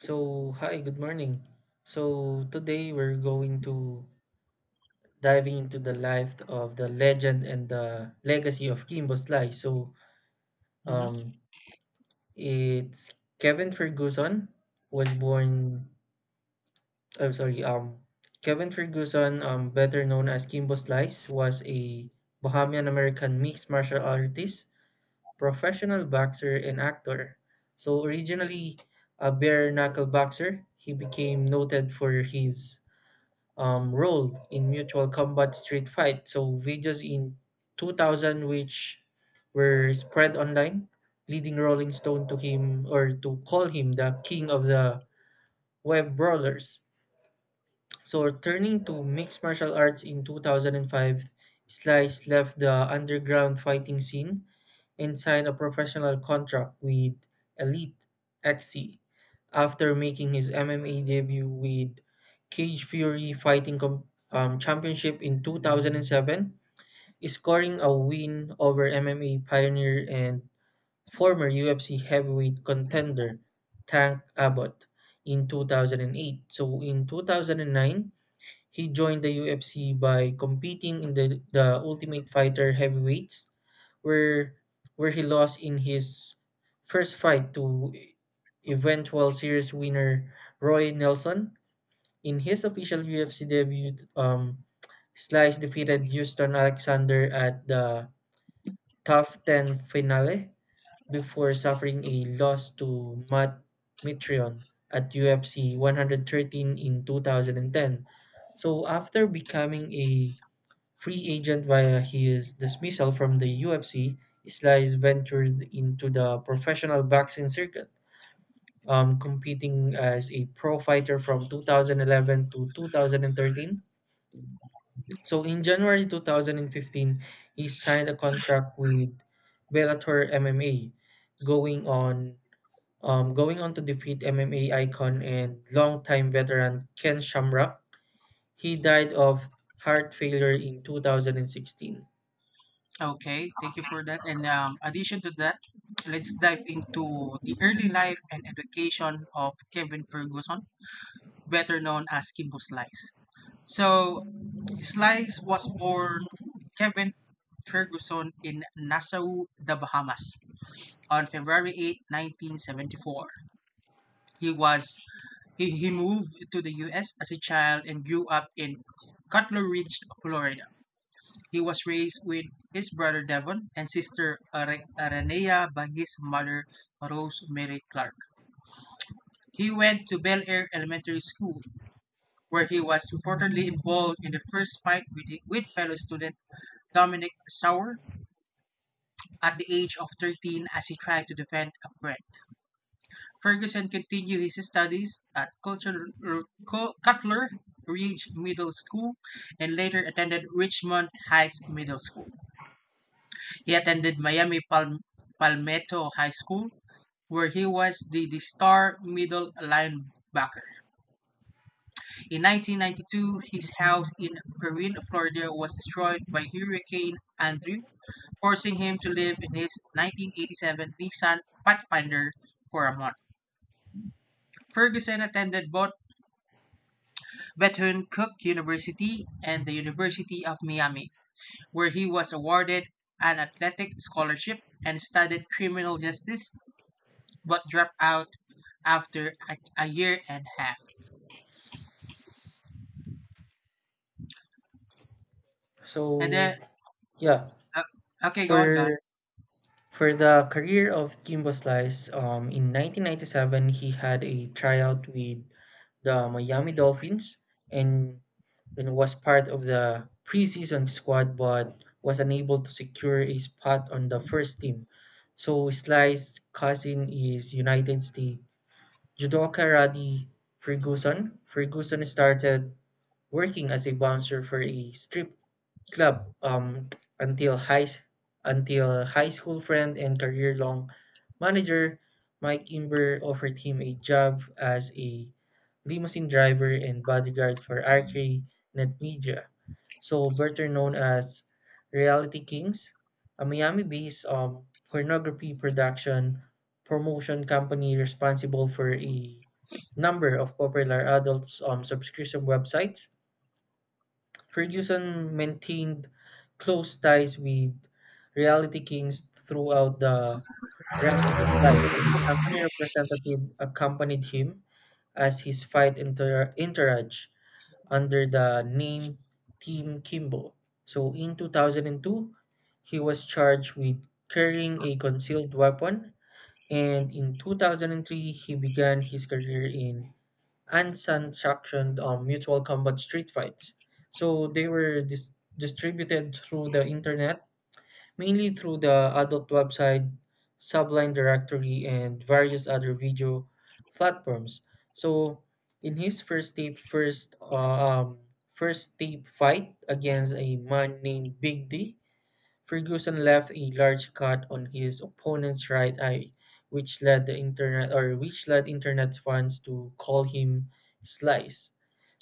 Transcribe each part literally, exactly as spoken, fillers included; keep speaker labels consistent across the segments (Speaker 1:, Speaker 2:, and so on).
Speaker 1: So, hi, good morning. So, today we're going to diving into the life of the legend and the legacy of Kimbo Slice. So,
Speaker 2: hmm
Speaker 1: um, it's Kevin Ferguson was born. I'm sorry. Um, Kevin Ferguson, um, better known as Kimbo Slice, was a Bahamian American mixed martial artist, professional boxer, and actor. So, originally a bare knuckle boxer, he became noted for his um, role in mutual combat street fight. So, videos in two thousand, which were spread online, leading Rolling Stone to him or to call him the king of the web brawlers. So, turning to mixed martial arts in two thousand five, Slice left the underground fighting scene and signed a professional contract with Elite X C after making his M M A debut with Cage Fury Fighting Com- um, Championship in two thousand seven, scoring a win over M M A pioneer and former U F C heavyweight contender Tank Abbott in two thousand eight. So in two thousand nine, he joined the U F C by competing in the, the Ultimate Fighter Heavyweights, where where he lost in his first fight to eventual series winner Roy Nelson. In his official U F C debut, um, Slice defeated Houston Alexander at the Tough ten finale before suffering a loss to Matt Mitrion at U F C one hundred thirteen in two thousand ten. So, after becoming a free agent via his dismissal from the U F C, Islice ventured into the professional boxing circuit, um, competing as a pro fighter from two thousand eleven to two thousand thirteen. So in January two thousand fifteen, he signed a contract with Bellator M M A, going on um, going on to defeat M M A icon and longtime veteran Ken Shamrock. He died of heart failure in two thousand sixteen.
Speaker 2: Okay, thank you for that. And um, addition to that, let's dive into the early life and education of Kevin Ferguson, better known as Kimbo Slice. So, Slice was born Kevin Ferguson in Nassau, the Bahamas, on February eighth, nineteen seventy-four. He was he, he moved to the U S as a child and grew up in Cutler Ridge, Florida. He was raised with his brother Devon and sister Are- Aranea by his mother Rose Mary Clark. He went to Bel Air Elementary School, where he was reportedly involved in the first fight with, with fellow student Dominic Sauer at the age of thirteen as he tried to defend a friend. Ferguson continued his studies at Culture, Cutler Ridge Middle School and later attended Richmond Heights Middle School. He attended Miami Pal- Palmetto High School, where he was the, the star middle linebacker. In nineteen ninety-two, his house in Perrine, Florida was destroyed by Hurricane Andrew, forcing him to live in his nineteen eighty-seven Nissan Pathfinder for a month. Ferguson attended both Bethune Cook University and the University of Miami, where he was awarded an athletic scholarship and studied criminal justice but dropped out after a, a year and a half. And then,
Speaker 1: So yeah,
Speaker 2: uh, okay, go on, go on.
Speaker 1: for for the career of Kimbo Slice, um, in nineteen ninety-seven he had a tryout with the Miami Dolphins and you know, was part of the preseason squad, but was unable to secure a spot on the first team. So Slice's cousin is United States Judoka Rodney Ferguson. Ferguson started working as a bouncer for a strip club um, until high s- until high school friend and career long manager Mike Imber offered him a job as a limousine driver and bodyguard for R K Net Media. So, better known as Reality Kings, a Miami-based um, pornography production promotion company responsible for a number of popular adults um, subscription websites, Ferguson maintained close ties with Reality Kings throughout the rest of his life. So company representative accompanied him as his fight inter entourage under the name Team Kimbo. So in two thousand two, he was charged with carrying a concealed weapon, and in two thousand three, he began his career in and sanctioned um, mutual combat street fights. So they were dis- distributed through the internet, mainly through the adult website, Sublime Directory, and various other video platforms. So, in his first tape, first uh, um, first tape fight against a man named Big D, Ferguson left a large cut on his opponent's right eye, which led the internet or which led internet fans to call him Slice.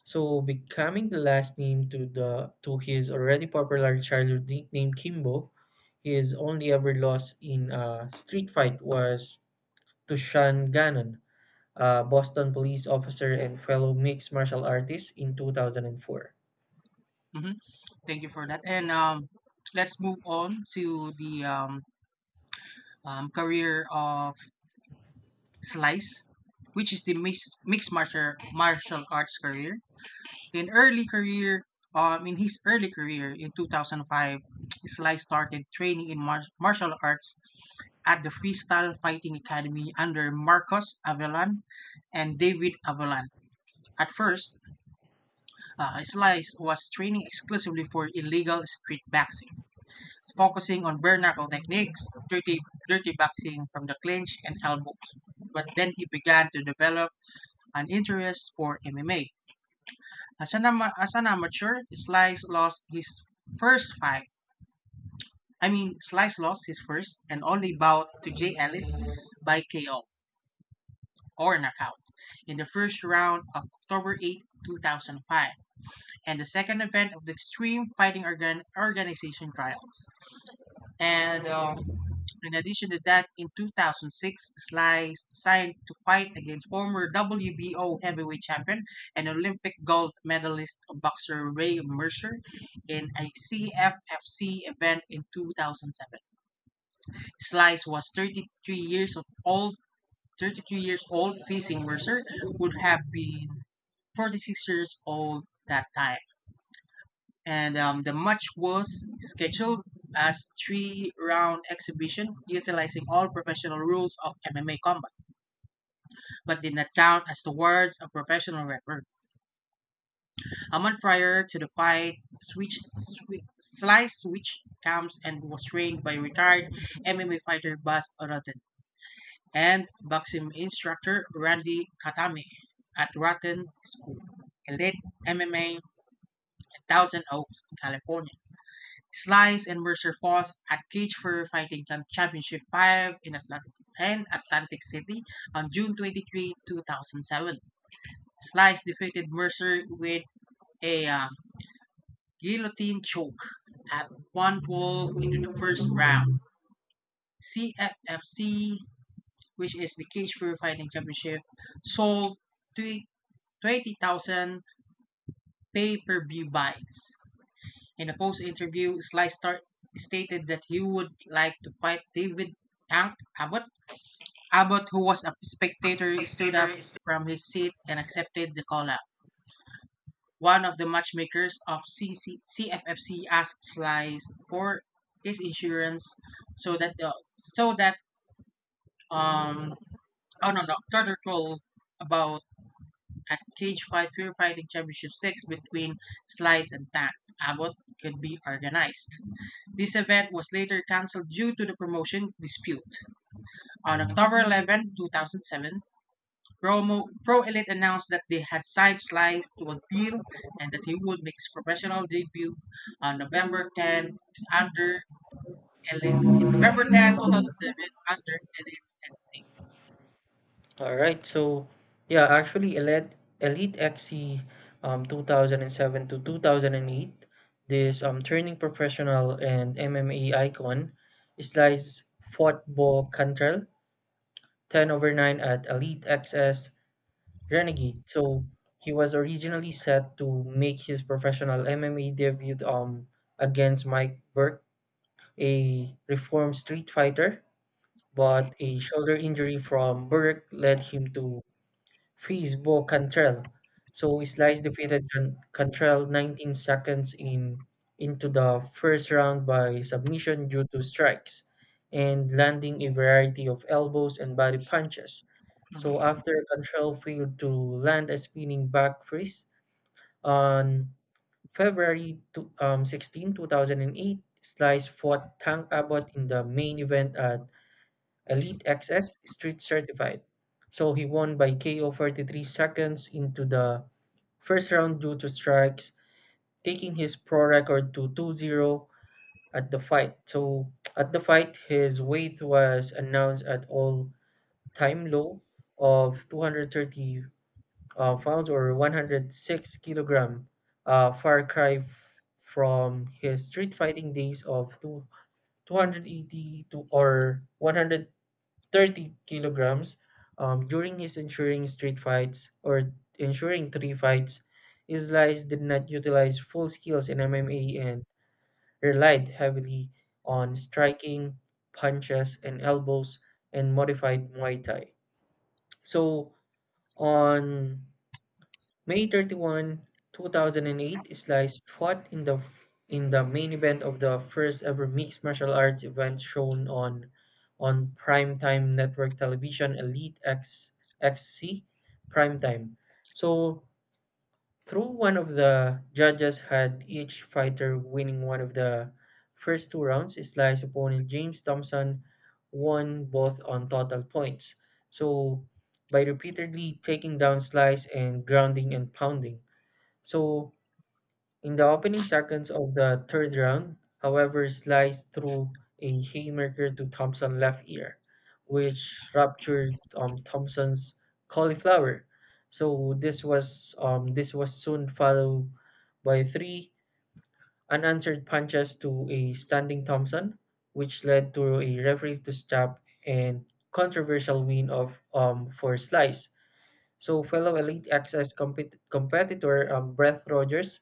Speaker 1: So, becoming the last name to the to his already popular childhood nickname Kimbo, his only ever loss in a street fight was to Sean Gannon, a Boston police officer and fellow mixed martial artist in two thousand four.
Speaker 2: hmm Thank you for that. And um, let's move on to the um, um, career of Slice, which is the mixed, mixed martial, martial arts career. In early career, um, in his early career in two thousand five, Slice started training in mar- martial arts at the Freestyle Fighting Academy under Marcos Avelan and David Avelan. At first, Uh, Slice was training exclusively for illegal street boxing, focusing on bare knuckle techniques, dirty, dirty boxing from the clinch, and elbows. But then he began to develop an interest for M M A. As an, ama- as an amateur, Slice lost his first fight. I mean, Slice lost his first and only bout to Jay Ellis by K O or knockout in the first round of October eighth, two thousand five, and the second event of the Extreme Fighting Organ- Organization trials. And um, in addition to that, in two thousand six, Sly signed to fight against former W B O heavyweight champion and Olympic gold medalist boxer Ray Mercer in a C F F C event in two thousand seven. Slice was thirty-three years of old, thirty-three years old, facing Mercer, would have been forty-six years old that time. And um, the much worse scheduled as three-round exhibition utilizing all professional rules of M M A combat, but did not count as the words of professional rapper. A month prior to the fight, Switch, Swi- Sly switched camps and was trained by retired M M A fighter Buzz Rotten and boxing instructor Randy Katame at Rotten School, Elite M M A, in Thousand Oaks, California. Slice and Mercer Falls at Cage for Fighting Camp Championship five in Atlantic and Atlantic City on June twenty-third, two thousand seven. Slice defeated Mercer with a uh, guillotine choke at one hundred twelve into the first round. C F F C, which is the Cage for Fighting Championship, sold twe- twenty thousand pay-per-view buys. In a post interview, Sly start, stated that he would like to fight David Tank Abbott. Abbott, who was a spectator, stood up from his seat and accepted the call up. One of the matchmakers of C F F C asked Sly for his insurance so that the, so that um oh no no Turtle twelve about a cage fight fear fighting championship six between Slice and Tank Abbott could be organized. This event was later cancelled due to the promotion dispute. On October eleventh, two thousand seven, Promo, Pro Pro Elite announced that they had signed Slice to a deal and that he would make his professional debut on November tenth under Elite. November tenth, two thousand seven under Elite F C.
Speaker 1: All right. So yeah, actually Elite Elite X C, um two thousand seven to two thousand eight, this um turning professional and M M A icon, Slice fought Bo Cantrell ten over nine at Elite X S Renegade. So he was originally set to make his professional M M A debut um against Mike Burke, a reformed street fighter, but a shoulder injury from Burke led him to Fizbo Cantrell. So Slice defeated Can- Cantrell nineteen seconds in into the first round by submission due to strikes and landing a variety of elbows and body punches. So,
Speaker 2: Mhm,
Speaker 1: after Cantrell failed to land a spinning back fist on February two, um, sixteen, two thousand eight, Slice fought Tank Abbott in the main event at Elite X S Street Certified. So he won by K O forty-three seconds into the first round due to strikes, taking his pro record to two zero at the fight. So at the fight, his weight was announced at all-time low of two thirty uh, pounds or one hundred six kilogram, a far cry f- from his street fighting days of two, 280 to or 100 30 kilograms, um, during his ensuring street fights or ensuring three fights. Islice did not utilize full skills in M M A and relied heavily on striking, punches, and elbows and modified Muay Thai. So, on May thirty-first, two thousand eight, Slice fought in the in the main event of the first ever mixed martial arts event shown on on primetime network television, Elite X XC Primetime. So, through one of the judges had each fighter winning one of the first two rounds, Sly's opponent James Thompson won both on total points. So by repeatedly taking down Slice and grounding and pounding. So, in the opening seconds of the third round, however, Slice threw a haymaker to Thompson's left ear, which ruptured um, Thompson's cauliflower. So, this was um, this was soon followed by three unanswered punches to a standing Thompson, which led to a referee to stop and controversial win of um, for Slice. So fellow elite acts as compet- competitor um, Brett Rogers,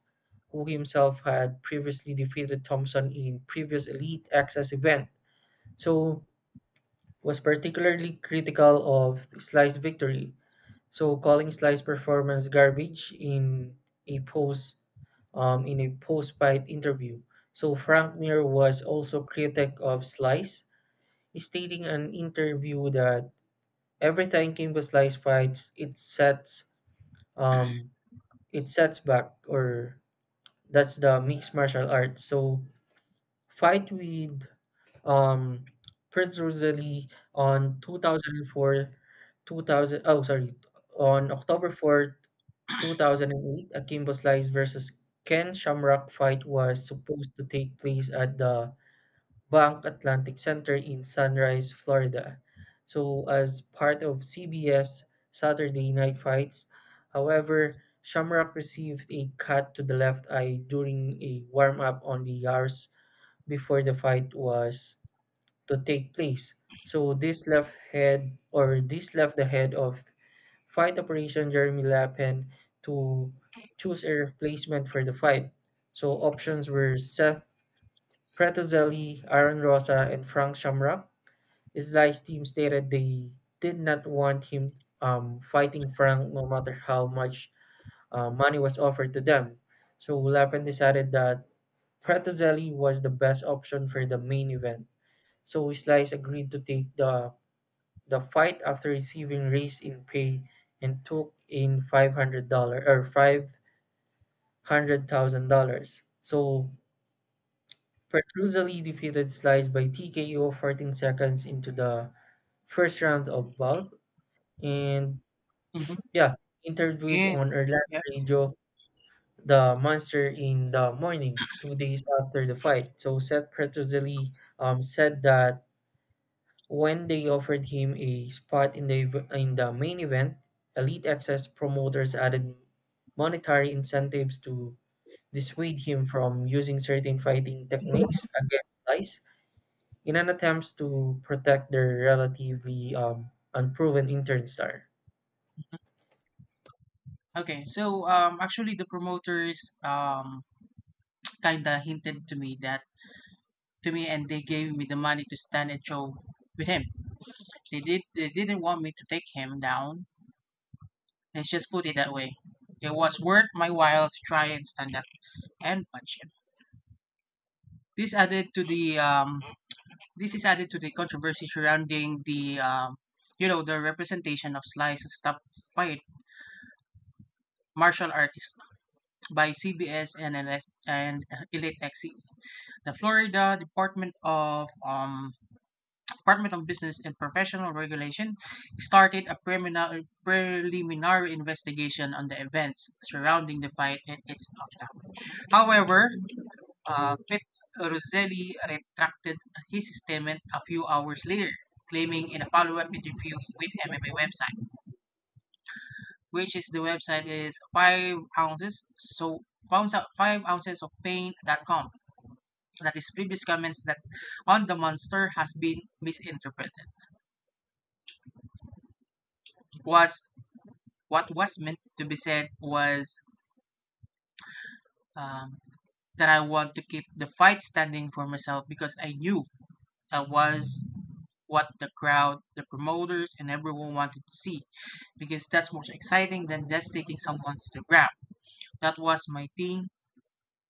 Speaker 1: who himself had previously defeated Thompson in previous elite access event, so was particularly critical of Sly's victory, so calling Sly's performance garbage in a post um, in a post-fight interview. So Frank Mir was also critic of Slice, stating in an interview that every time Kimbo Slice fights, it sets um, it sets back or that's the mixed martial arts. So, fight with um Prince Rosalie on two thousand four two thousand oh sorry on October fourth, two thousand eight, Akimbo Slice versus Ken Shamrock fight was supposed to take place at the Bank Atlantic Center in Sunrise, Florida. So, as part of C B S Saturday Night Fights, however, Shamrock received a cut to the left eye during a warm up on the hours before the fight was to take place. So, this left head or this left the head of fight operation Jeremy Lappin to choose a replacement for the fight. So, options were Seth Fratozelli, Aaron Rosa, and Frank Shamrock. Sly's team stated they did not want him um, fighting Frank no matter how much uh, money was offered to them. So Lappin decided that Fratozelli was the best option for the main event. So Slice agreed to take the the fight after receiving raise in pay and took in five hundred dollar or five hundred thousand dollars. So Petruzali defeated Slice by T K O fourteen seconds into the first round of bout. And
Speaker 2: mhm.
Speaker 1: yeah, interviewed
Speaker 2: Yeah.
Speaker 1: on Orlando
Speaker 2: Yep.
Speaker 1: Radio, the monster in the morning, two days after the fight. So Seth Petruzali um, said that when they offered him a spot in the ev- in the main event, Elite Access promoters added monetary incentives to dissuade him from using certain fighting techniques against Slice in an attempt to protect their relatively um, unproven intern star.
Speaker 2: Okay, so um, actually the promoters um kinda hinted to me that to me and they gave me the money to stand and show with him. They did. They didn't want me to take him down. Let's just put it that way. It was worth my while to try and stand up and punch him. This added to the um, this is added to the controversy surrounding the um, you know the representation of slice stop fight martial artists by C B S and L S and Elite X E. The Florida Department of um, Department of Business and Professional Regulation started a preliminary, preliminary investigation on the events surrounding the fight and its outcome. However, uh, Pet Roselli retracted his statement a few hours later, claiming in a follow-up interview with M M A website, which is the website is five ounces so found out five ounces of pain dot com, that his previous comments that on the monster has been misinterpreted was. What was meant to be said was, um, "that I want to keep the fight standing for myself because I knew that was what the crowd, the promoters, and everyone wanted to see because that's more exciting than just taking someone to the ground. That was my thing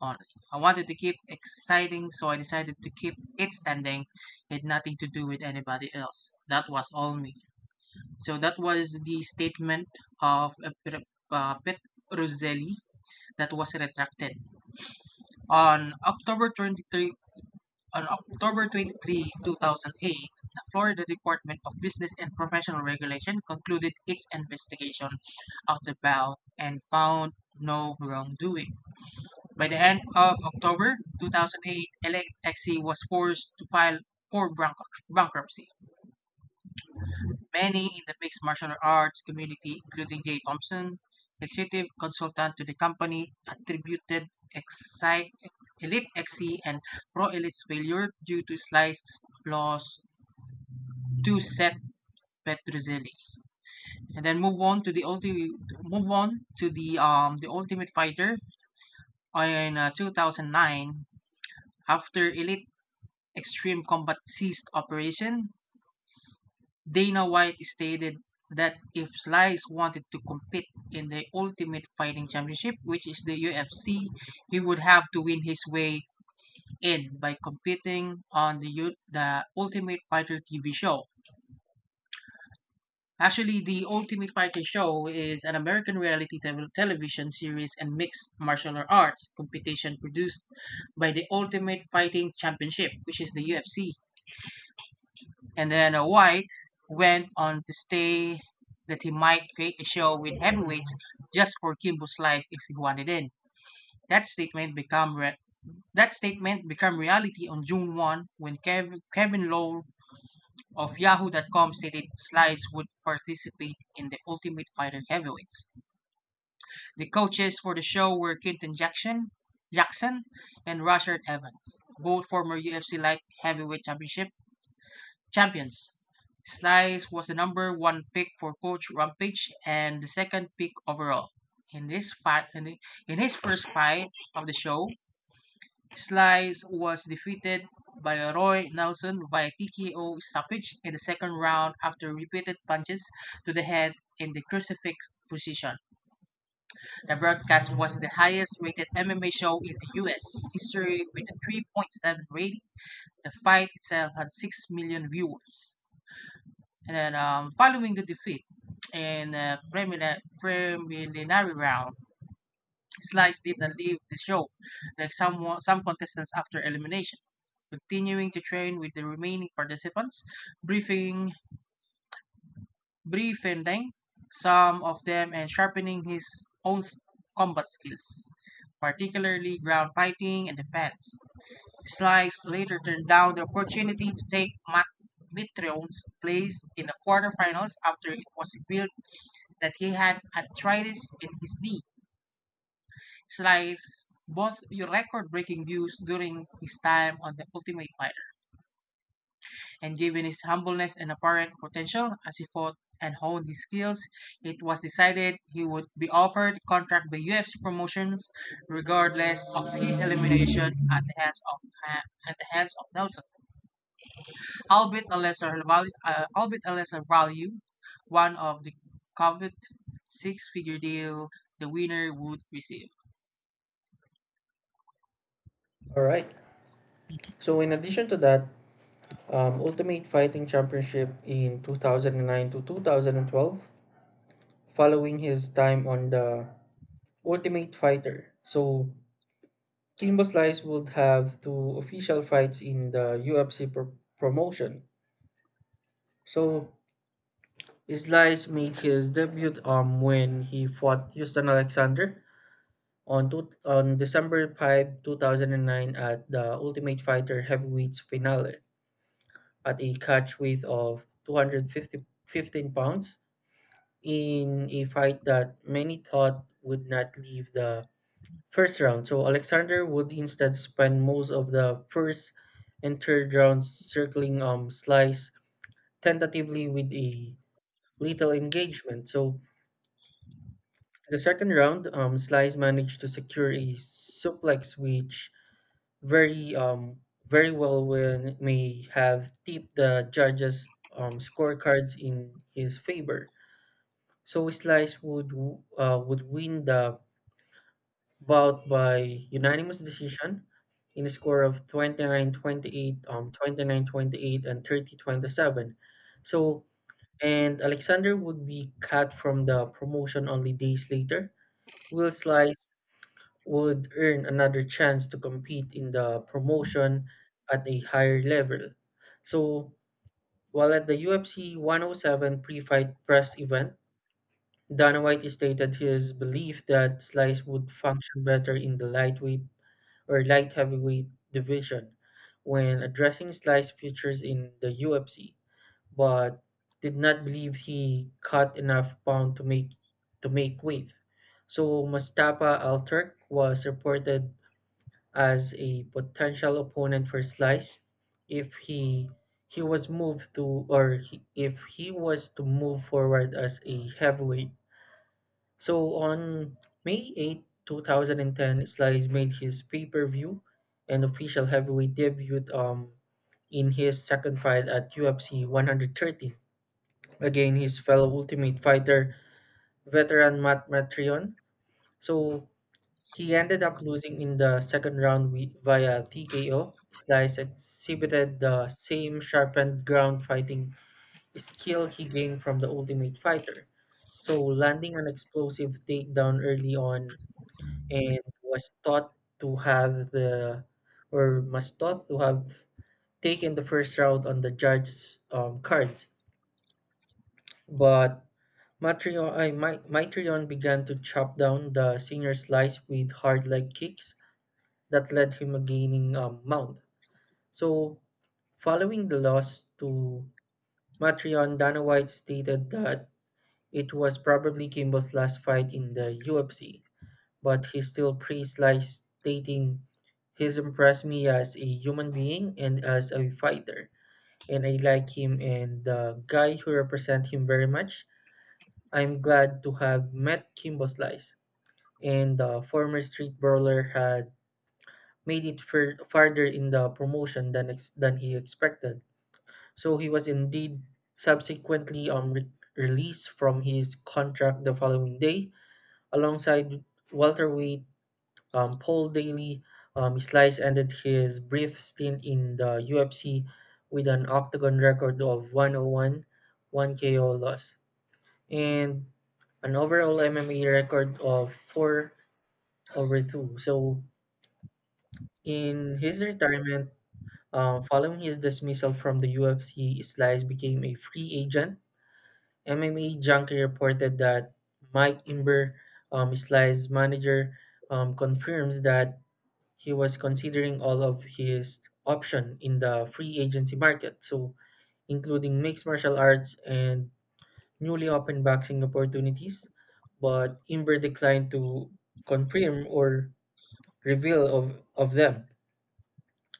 Speaker 2: on it. I wanted to keep exciting, so I decided to keep it standing. It had nothing to do with anybody else. That was all me." So that was the statement of uh, Pet Roselli that was retracted. On October twenty-third, on October twenty-third, two thousand eight, the Florida Department of Business and Professional Regulation concluded its investigation of the vow and found no wrongdoing. By the end of October two thousand eight, L X E was forced to file for bank- bankruptcy. Many in the mixed martial arts community, including Jay Thompson, executive consultant to the company, attributed exi- Elite X C and Pro Elite's failure due to slice loss to Seth Petruzzelli. And then move on to the ulti- move on to the um the Ultimate Fighter in uh, two thousand nine after Elite Extreme Combat ceased operation. Dana White stated that if Slice wanted to compete in the Ultimate Fighting Championship, which is the U F C, he would have to win his way in by competing on the U- the Ultimate Fighter T V show. Actually, the Ultimate Fighter show is an American reality te- television series and mixed martial arts competition produced by the Ultimate Fighting Championship, which is the U F C. And then uh, White went on to say that he might create a show with heavyweights just for Kimbo Slice if he wanted in. That statement became re- that statement became reality on June first when Kev- Kevin Lowe of Yahoo dot com stated Slice would participate in the Ultimate Fighter Heavyweights. The coaches for the show were Quinton Jackson, Jackson and Rashard Evans, both former U F C light heavyweight championship champions. Slice was the number one pick for Coach Rampage and the second pick overall. In this fight, in, the- in his first fight of the show, Slice was defeated by Roy Nelson via T K O stoppage in the second round after repeated punches to the head in the crucifix position. The broadcast was the highest rated M M A show in the U S history with a three point seven rating. The fight itself had six million viewers. And then um, following the defeat in uh, preliminary preliminary round, Slice didn't leave the show like some wa- some contestants after elimination, continuing to train with the remaining participants, briefing briefing some of them and sharpening his own s- combat skills, particularly ground fighting and defense. Slice later turned down the opportunity to take Matt Mitrion's place in the quarterfinals after it was revealed that he had arthritis in his knee. It's like both your record-breaking views during his time on The Ultimate Fighter, and given his humbleness and apparent potential as he fought and honed his skills, it was decided he would be offered contract by U F C promotions, regardless of his elimination at the hands of uh, at the hands of Nelson, albeit a lesser value, uh, albeit a lesser value, one of the coveted six-figure deal the winner would receive.
Speaker 1: All right. So in addition to that, um, Ultimate Fighting Championship in two thousand nine to two thousand twelve, following his time on the Ultimate Fighter. So Kimbo Slice would have two official fights in the U F C pro- promotion. So Slice made his debut um when he fought Houston Alexander On, two, on December fifth, two thousand nine, at the Ultimate Fighter Heavyweights finale, at a catch weight of two fifteen pounds, in a fight that many thought would not leave the first round. So Alexander would instead spend most of the first and third rounds circling um, Slice tentatively with a little engagement. So, in the second round, um, Slice managed to secure a suplex, which very um very well when may have tipped the judge's um, scorecards in his favor. So Slice would w- uh, would win the bout by unanimous decision in a score of twenty nine twenty eight, um twenty nine twenty eight, and thirty twenty seven. So and Alexander would be cut from the promotion only days later. Will Slice would earn another chance to compete in the promotion at a higher level. So, while at the U F C one oh seven pre fight press event, Dana White stated his belief that Slice would function better in the lightweight or light heavyweight division when addressing Slice's futures in the U F C, but did not believe he cut enough pound to make to make weight. So Mustapa Al Turk was reported as a potential opponent for Slice if he he was moved to or he, if he was to move forward as a heavyweight. So on May eighth, two thousand ten, Slice made his pay-per-view and official heavyweight debut um in his second fight at U F C one hundred thirty against his fellow Ultimate Fighter veteran Matt Matreon. So he ended up losing in the second round wi- via T K O. Slice exhibited the same sharpened ground fighting skill he gained from the Ultimate Fighter, so landing an explosive takedown early on and was thought to have the or was thought to have taken the first round on the judge's um, cards. But Matreon, I, Mi- Mitrion began to chop down the senior slice with hard leg kicks that led him gaining a Mount. So, following the loss to Matreon, Dana White stated that it was probably Kimball's last fight in the U F C, but he still praised Lice, stating, "He's impressed me as a human being and as a fighter, and I like him and the guy who represents him very much. I'm glad to have met Kimbo Slice." And the former street brawler had made it fur- farther in the promotion than ex- than he expected. So he was indeed subsequently um, re- released from his contract the following day, alongside welterweight um, Paul Daly. Um, Slice ended his brief stint in the U F C with an octagon record of one oh one, one K O loss, and an overall M M A record of four over two. So, in his retirement, Uh, following his dismissal from the U F C, Slice became a free agent. M M A Junkie reported that Mike Imber, um, Slice's manager, um, confirms that he was considering all of his options in the free agency market, so including mixed martial arts and newly opened boxing opportunities. But Imber declined to confirm or reveal of, of them.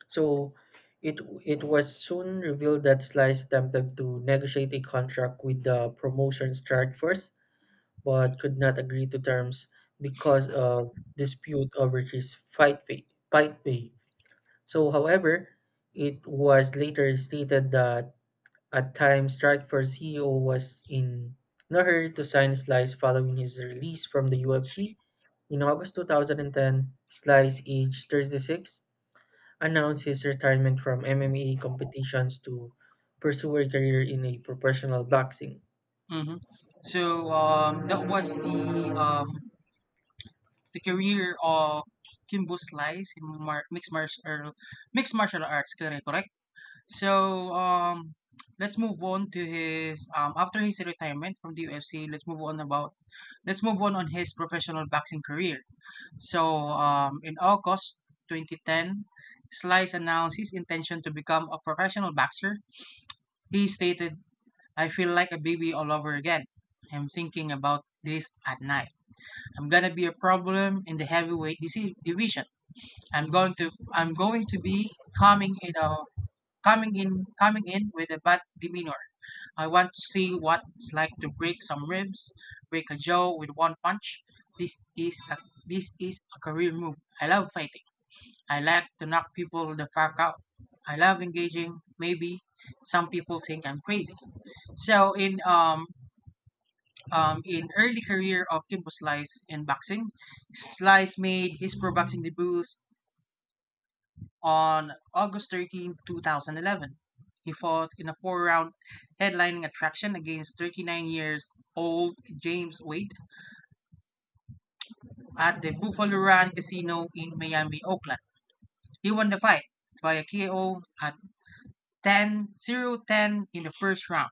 Speaker 1: So it it was soon revealed that Sly attempted to negotiate a contract with the promotion strike first, but could not agree to terms because of dispute over his fight pay. Fight pay. So, however, it was later stated that at times strike first C E O was in no hurry to sign Slice following his release from the U F C. In August two thousand ten, Slice, aged thirty-six, announced his retirement from M M A competitions to pursue a career in a professional boxing.
Speaker 2: hmm So um, that was the um, the career of Kimbo Slice in mar- mixed martial mixed martial arts. Correct, correct. So um, let's move on to his um, after his retirement from the U F C. Let's move on about let's move on on his professional boxing career. So um, in August twenty ten. Slice announced his intention to become a professional boxer. He stated I feel like a baby all over again. I'm thinking about this at night. I'm gonna be a problem in the heavyweight disi- division. I'm going to I'm going to be coming in a coming in coming in with a bad demeanor. I want to see what it's like to break some ribs, break a jaw with one punch. This is a, this is a career move. I love fighting. I like to knock people the fuck out. I love engaging. Maybe some people think I'm crazy. So in um um, in early career of Kimbo Slice in boxing. Slice made his pro boxing debut on August thirteenth, two thousand eleven. He fought in a four-round headlining attraction against thirty-nine years old James Wade at the Buffalo Run Casino in Miami, Oakland. He won the fight via K O at ten zero ten in the first round.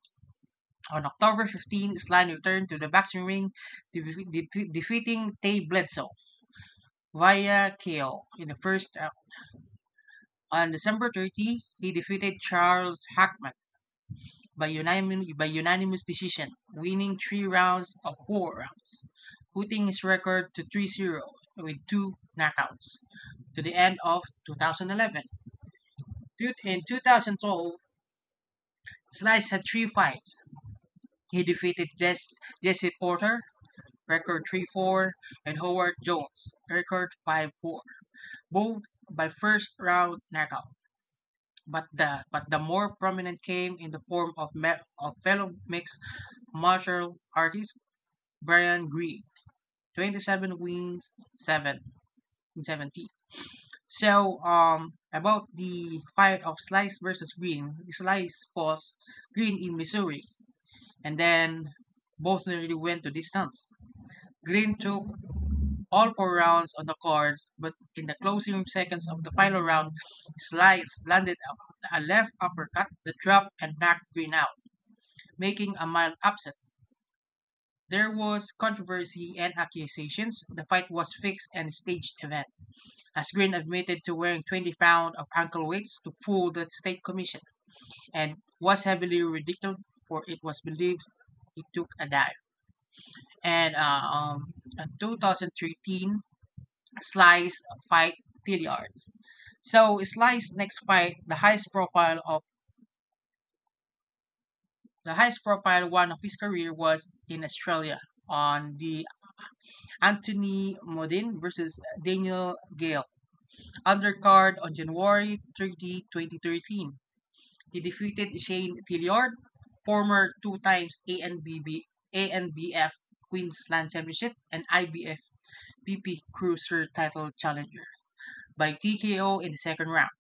Speaker 2: On October fifteenth, Slime returned to the boxing ring, de- de- defeating Tay Bledsoe via K O in the first round. On December thirtieth, he defeated Charles Hackman by, unanim- by unanimous decision, winning three rounds of four rounds, putting his record to three to zero with two knockouts to the end of two thousand eleven. In twenty twelve, Slice had three fights. He defeated Jess- Jesse Porter, record three four, and Howard Jones, record five four, both by first round knockout, but the but the more prominent came in the form of me- of fellow mixed martial artist Brian Green, twenty-seven wins, seven in seventy. So um about the fight of Slice versus Green, Slice was Green in Missouri, and then both nearly went to distance. Green took all four rounds on the cards, but in the closing seconds of the final round, Slice landed a a left uppercut that dropped and knocked Green out, making a mild upset. There was controversy and accusations. The fight was fixed and staged event, as Green admitted to wearing twenty pounds of ankle weights to fool the state commission, and was heavily ridiculed for it was believed he took a dive. And uh, um, In twenty thirteen, Slice fight T D R. So Slice's next fight, the highest profile of the highest profile one of his career was in Australia on the Anthony Modin versus Daniel Gale undercard on January thirtieth, twenty thirteen. He defeated Shane Tilliard, former two times A N B B A N B F Queensland Championship and I B F B P Cruiser title challenger by T K O in the second round.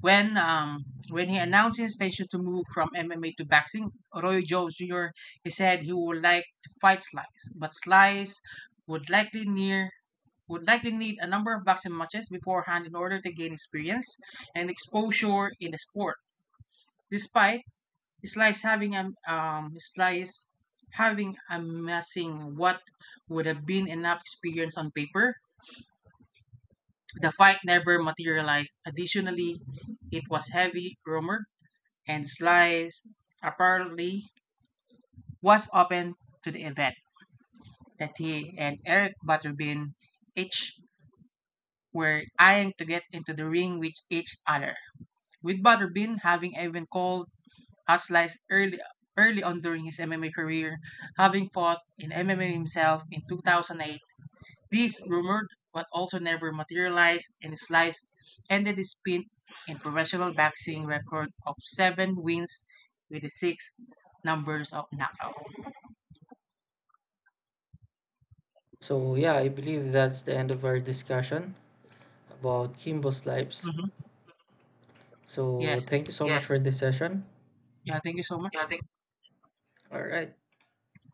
Speaker 2: When um, when he announced his intention to move from M M A to boxing, Roy Jones Junior he said he would like to fight Slice, but Slice would likely near would likely need a number of boxing matches beforehand in order to gain experience and exposure in the sport. Despite Slice having a um, Slice having amassing what would have been enough experience on paper, the fight never materialized. Additionally, it was heavy rumored, and Slice apparently was open to the event that he and Eric Butterbean each were eyeing to get into the ring with each other. With Butterbean having even called out Slice early early on during his M M A career, having fought in M M A himself in two thousand eight, this rumored but also never materialized, and Slice ended his stint in professional boxing record of seven wins with the six numbers of knockout.
Speaker 1: So yeah, I believe that's the end of our discussion about Kimbo's lives.
Speaker 2: hmm Yes,
Speaker 1: So thank you so, yeah, much for this session.
Speaker 2: yeah, thank you so
Speaker 1: Yeah,
Speaker 2: much.
Speaker 1: thank. All right.